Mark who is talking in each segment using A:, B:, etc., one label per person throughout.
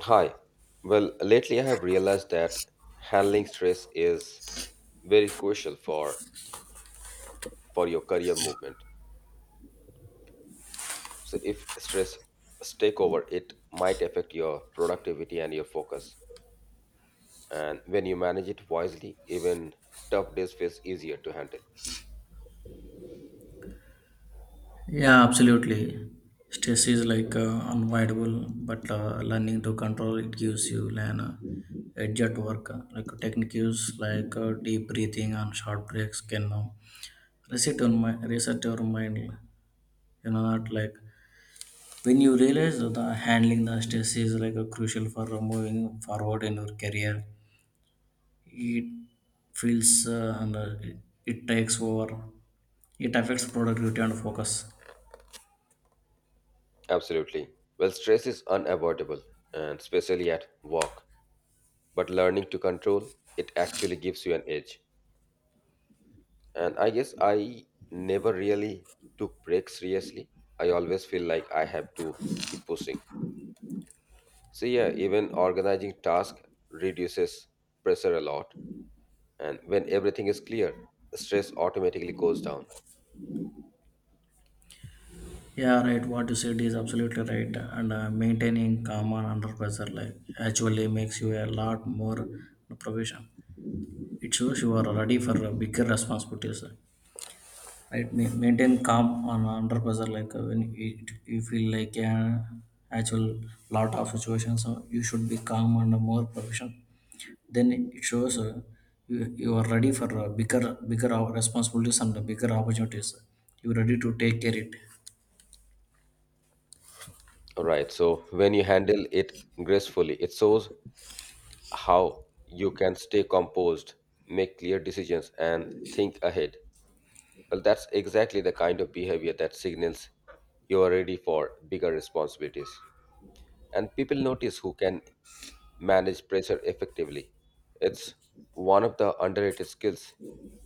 A: Hi. Well, lately I have realized that handling stress is very crucial for your career movement. So if stress take over, it might affect your productivity and your focus. And when you manage it wisely, even tough days feels easier to handle.
B: Yeah, absolutely. Stress is like unavoidable, but learning to control it gives you an edge at work. Like techniques like deep breathing and short breaks can reset your mind. Reset your mind. Not like when you realize that the handling the stress is like a crucial for moving forward in your career. It feels and it takes over. It affects productivity and focus.
A: Absolutely. Well, stress is unavoidable, and especially at work. But learning to control it actually gives you an edge. And I guess I never really took breaks seriously. I always feel like I have to keep pushing. So, yeah, even organizing tasks reduces pressure a lot. And when everything is clear, stress automatically goes down.
B: Yeah, right. What you said is absolutely right. And maintaining calm and under pressure like actually makes you a lot more profession. It shows you are ready for bigger responsibilities. Right? Maintain calm on under pressure like when it, you feel like an actual lot of situations, you should be calm and more professional. Then it shows you are ready for bigger responsibilities and the bigger opportunities. You are ready to take care it.
A: All right. So, when you handle it gracefully, it shows how you can stay composed, make clear decisions, and think ahead. Well, that's exactly the kind of behavior that signals you are ready for bigger responsibilities, and people notice who can manage pressure effectively. It's one of the underrated skills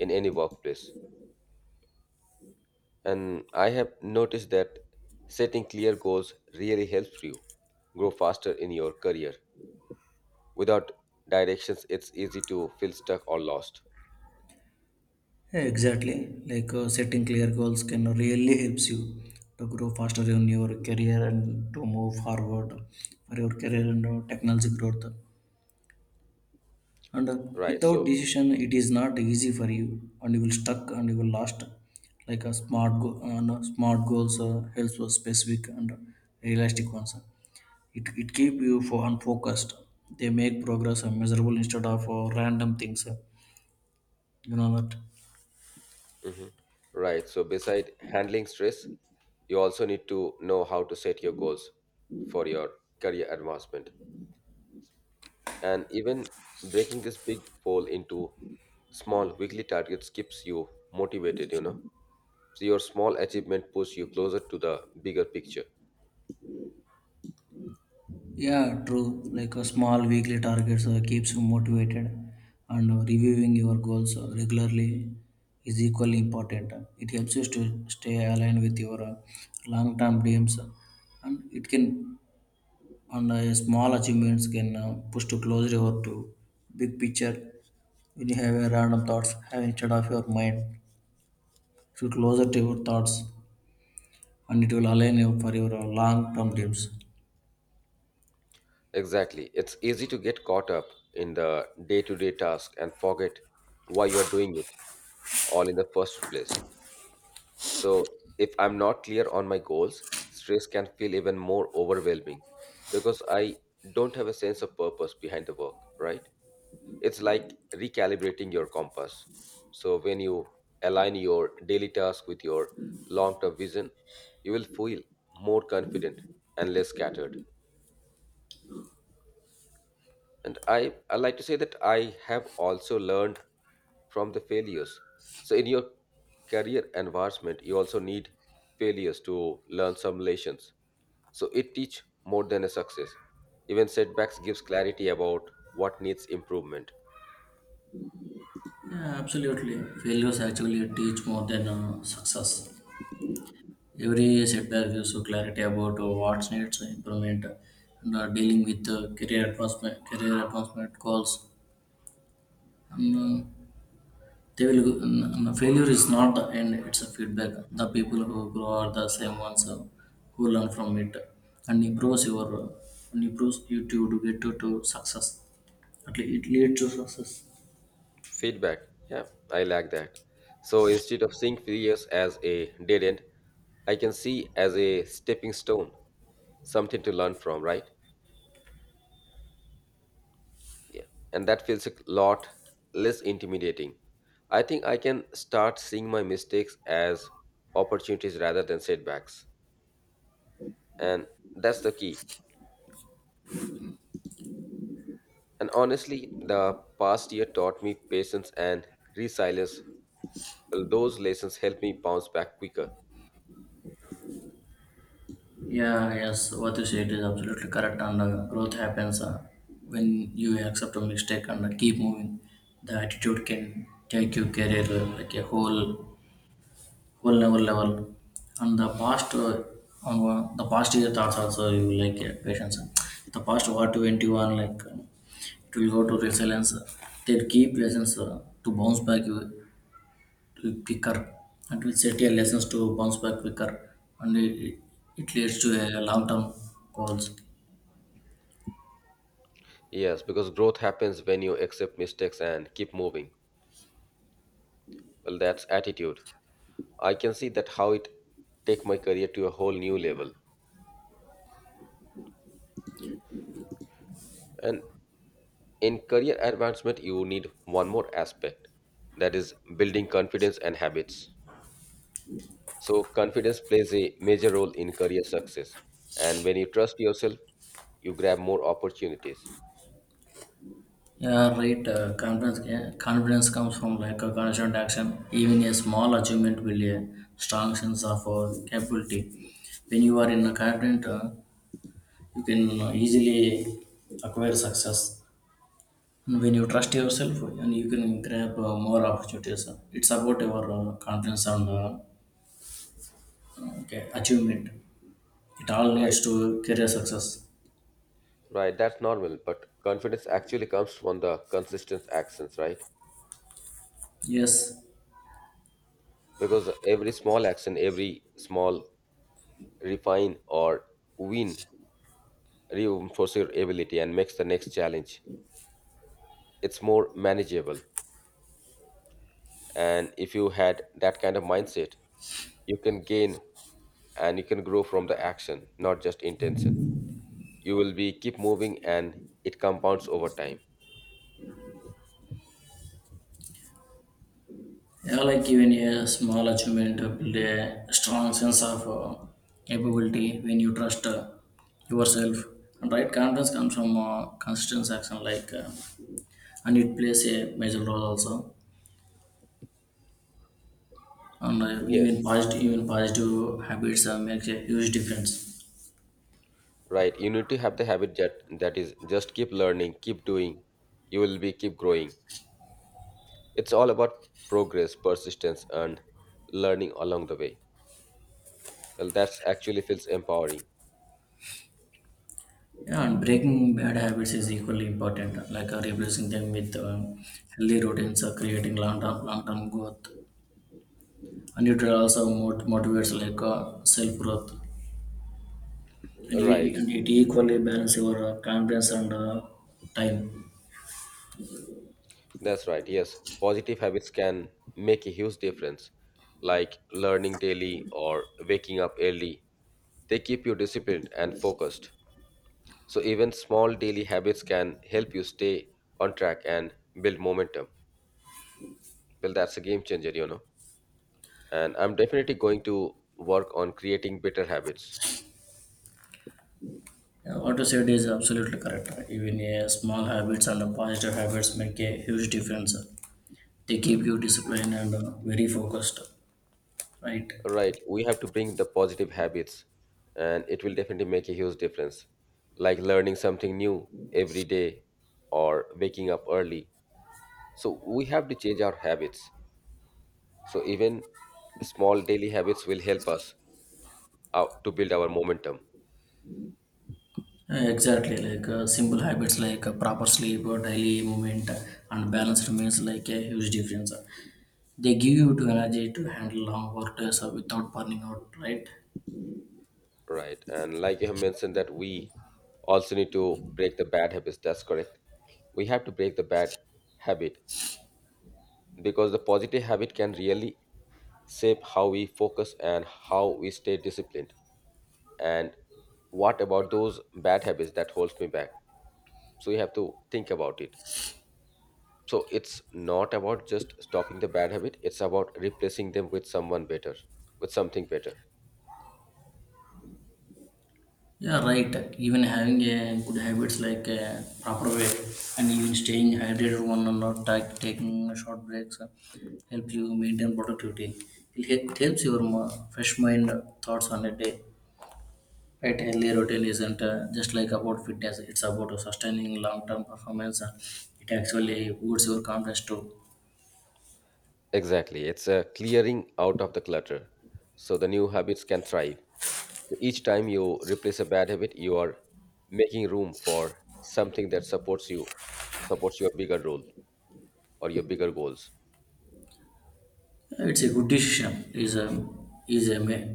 A: in any workplace. And I have noticed that setting clear goals really helps you grow faster in your career. Without directions, it's easy to feel stuck or lost.
B: Yeah, exactly. Like setting clear goals can really helps you to grow faster in your career and to move forward for your career and technology growth. And
A: Right.
B: without
A: So,
B: decision, it is not easy for you, and you will stuck and you will lost. Like a smart go- no, smart goals helps for specific and realistic ones. It keep you for unfocused. They make progress measurable instead of random things. You know that.
A: mhm. Right. So, beside handling stress, you also need to know how to set your goals for your career advancement. And even breaking this big goal into small weekly targets keeps you motivated, So your small achievement push you closer to the bigger picture.
B: Yeah, true. Like a small weekly targets keeps you motivated, and reviewing your goals regularly is equally important. It helps you to stay aligned with your long-term dreams, and it can and small achievements can push to closer your to big picture. When you have a random thoughts, have instead of your mind, you closer to your thoughts, and it will align you for your long-term dreams.
A: Exactly. It's easy to get caught up in the day to day task and forget why you're doing it all in the first place. So, if I'm not clear on my goals, stress can feel even more overwhelming because I don't have a sense of purpose behind the work, right? It's like recalibrating your compass. So when you align your daily task with your long-term vision, you will feel more confident and less scattered. And I like to say that I have also learned from the failures. So in your career advancement, you also need failures to learn some lessons. So it teach more than a success. Even setbacks gives clarity about what needs improvement.
B: Yeah, absolutely. Failures actually teach more than success. Every setback gives you clarity about what needs improvement and dealing with career advancement goals. And, uh, And, failure is not the end; it's a feedback. The people who grow are the same ones who learn from it and improves your and improves you to get to success. At least it leads to success.
A: Feedback. Yeah, I like that. So instead of seeing failures as a dead end, I can see as a stepping stone, something to learn from, right? Yeah. And that feels a lot less intimidating. I think I can start seeing my mistakes as opportunities rather than setbacks. And that's the key. And honestly, the past year taught me patience and resilience. Those lessons helped me bounce back quicker.
B: Yeah, yes, what you said is absolutely correct. And growth happens when you accept a mistake and keep moving. The attitude can take your career like a whole level. And the past year thoughts also you like patience. The past what 21 like it will go to resilience. They'll keep lessons to bounce back you to quicker and will set your lessons to bounce back quicker and it leads to a long term goals.
A: Yes, because growth happens when you accept mistakes and keep moving. Well, that's attitude. I can see that how it take my career to a whole new level. And in career advancement, you need one more aspect, that is building confidence and habits. So confidence plays a major role in career success. And when you trust yourself, you grab more opportunities.
B: Yeah, right. Confidence comes from like a constant action. Even a small achievement will a strong sense of capability. When you are in a confident, you can easily acquire success. And when you trust yourself, and you can grab more opportunities. It's about your confidence and okay, achievement. It all
A: Right,
B: leads to career success.
A: right. That's normal. But confidence actually comes from the consistent actions, right?
B: Yes.
A: Because every small action, every small refine or win reinforces your ability and makes the next challenge. It's more manageable. And if you had that kind of mindset, you can gain and you can grow from the action, not just intention. You will be keep moving and it compounds over time.
B: Yeah, like even a small achievement build a strong sense of capability when you trust yourself. And right confidence comes from consistent action, and it plays a major role also. And
A: Yes,
B: even positive habits make a huge difference.
A: right. You need to have the habit that is just keep learning, keep doing. You will be keep growing. It's all about progress, persistence, and learning along the way. Well, that's actually feels empowering.
B: Yeah, and breaking bad habits is equally important, like replacing them with healthy routines, creating long term growth, and it also motivates like self growth and it
A: Right.
B: and it equally balance your confidence and time.
A: That's right. Yes. Positive habits can make a huge difference, like learning daily or waking up early. They keep you disciplined and focused. So, even small daily habits can help you stay on track and build momentum. Well, that's a game changer, And I'm definitely going to work on creating better habits.
B: What you said is absolutely correct. Even small habits and positive habits make a huge difference. They keep you disciplined and very focused, right?
A: Right. We have to bring the positive habits, and it will definitely make a huge difference. Like learning something new every day or waking up early. So we have to change our habits. So even small daily habits will help us out to build our momentum.
B: Exactly, like simple habits like proper sleep, or daily movement, and balanced meals like a huge difference. They give you to energy to handle long work days without burning out, right?
A: Right. And like you have mentioned that we also need to break the bad habits. That's correct. We have to break the bad habit because the positive habit can really shape how we focus and how we stay disciplined. And what about those bad habits that holds me back? So you have to think about it. So it's not about just stopping the bad habit, it's about replacing them with someone better, with something better.
B: Yeah, right. Even having a good habits like a proper way and even staying hydrated one and not taking short breaks help you maintain productivity. It helps your fresh mind thoughts on a day. Right, healthy routine isn't just like about fitness. It's about sustaining long-term performance. It actually boosts your confidence too.
A: Exactly. It's a clearing out of the clutter so the new habits can thrive. So each time you replace a bad habit, you are making room for something that supports you, supports your bigger role or your bigger goals.
B: It's a good decision. Is a ma-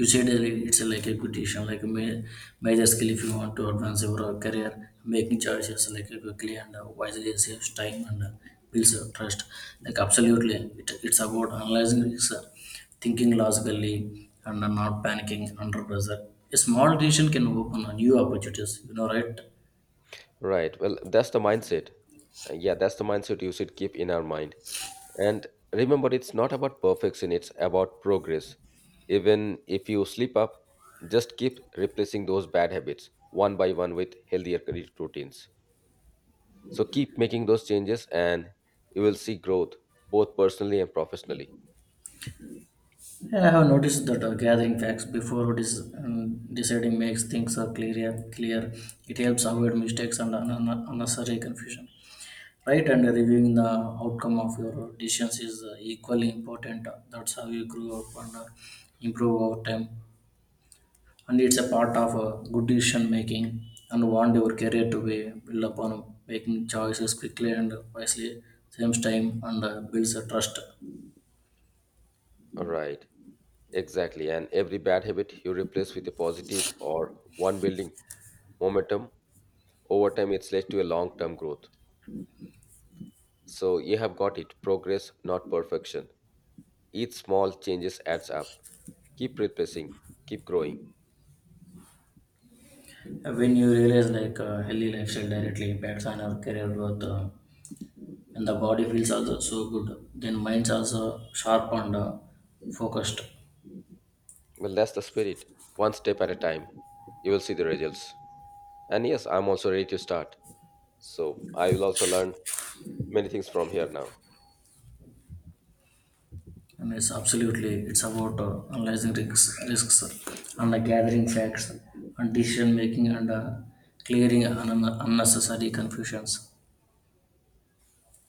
B: you said that it's a, like a good decision, like a major skill if you want to advance your career. Making choices like quickly and wisely saves time and builds trust. Like absolutely, it's about analyzing risks, thinking logically, and not panicking under pressure. A small decision can open new opportunities. You know, right?
A: Right. Well, that's the mindset. Yeah, that's the mindset you should keep in our mind. And remember, it's not about perfection, it's about progress. Even if you slip up, just keep replacing those bad habits one by one with healthier career routines. So keep making those changes and you will see growth both personally and professionally.
B: Yeah, I have noticed that gathering facts before deciding makes things clearer. Clear, it helps avoid mistakes and unnecessary confusion. Right, and reviewing the outcome of your decisions is equally important. That's how you grow up and improve over time. And it's a part of good decision making. And want your career to be built upon making choices quickly and wisely, same time, and builds a trust.
A: Right. Exactly. And every bad habit you replace with a positive or one building momentum over time it's led to a long term growth. So you have got it. Progress, not perfection. Each small changes adds up. Keep repressing, keep growing.
B: When you realize like healthy lifestyle directly impacts on our career growth and the body feels also so good then mind's also sharp and focused.
A: Well, that's the spirit. One step at a time. You will see the results. And yes, I'm also ready to start. So I will also learn many things from here now.
B: And it's absolutely it's about analyzing risks and gathering facts and decision making and clearing unnecessary confusions.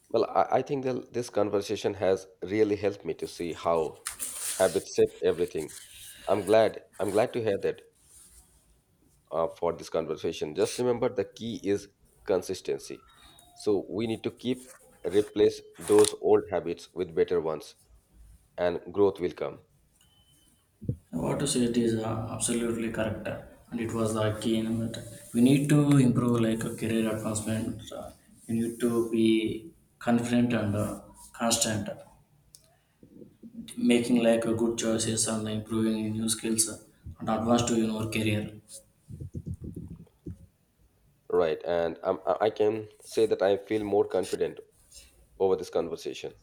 A: Well, I think that this conversation has really helped me to see how habits shape everything. I'm glad. I'm glad to hear that for this conversation. Just remember the key is consistency. So we need to keep replace those old habits with better ones, and growth will come.
B: What to say, it is absolutely correct, and it was the key. You that we need to improve like a career advancement. You need to be confident and constant, making like a good choices and improving new skills and advance to your career.
A: Right, and I can say that I feel more confident over this conversation.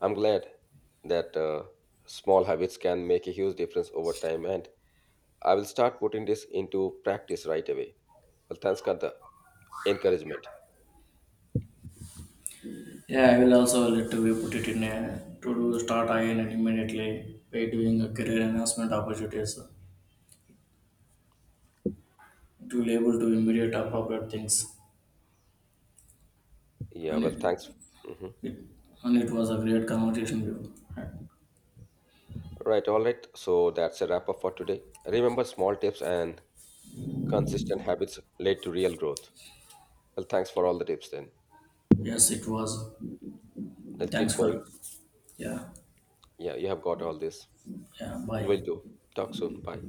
A: I'm glad that small habits can make a huge difference over time, and I will start putting this into practice right away. Well, thanks for the encouragement.
B: Yeah, I will also let we put it in a to do start again and immediately by doing a career enhancement opportunities. It will able to immediate appropriate things,
A: Yeah,
B: and
A: well, thanks. Mhm.
B: it it was a great conversation with you.
A: Right, all right. So that's a wrap up for today. Remember, small tips and consistent habits lead to real growth. Well, thanks for all the tips then.
B: Yes, it was.
A: Let's keep
B: Thanks
A: going.
B: for yeah,
A: Yeah, you have got all this.
B: yeah, bye.
A: We'll do. Talk soon. Bye.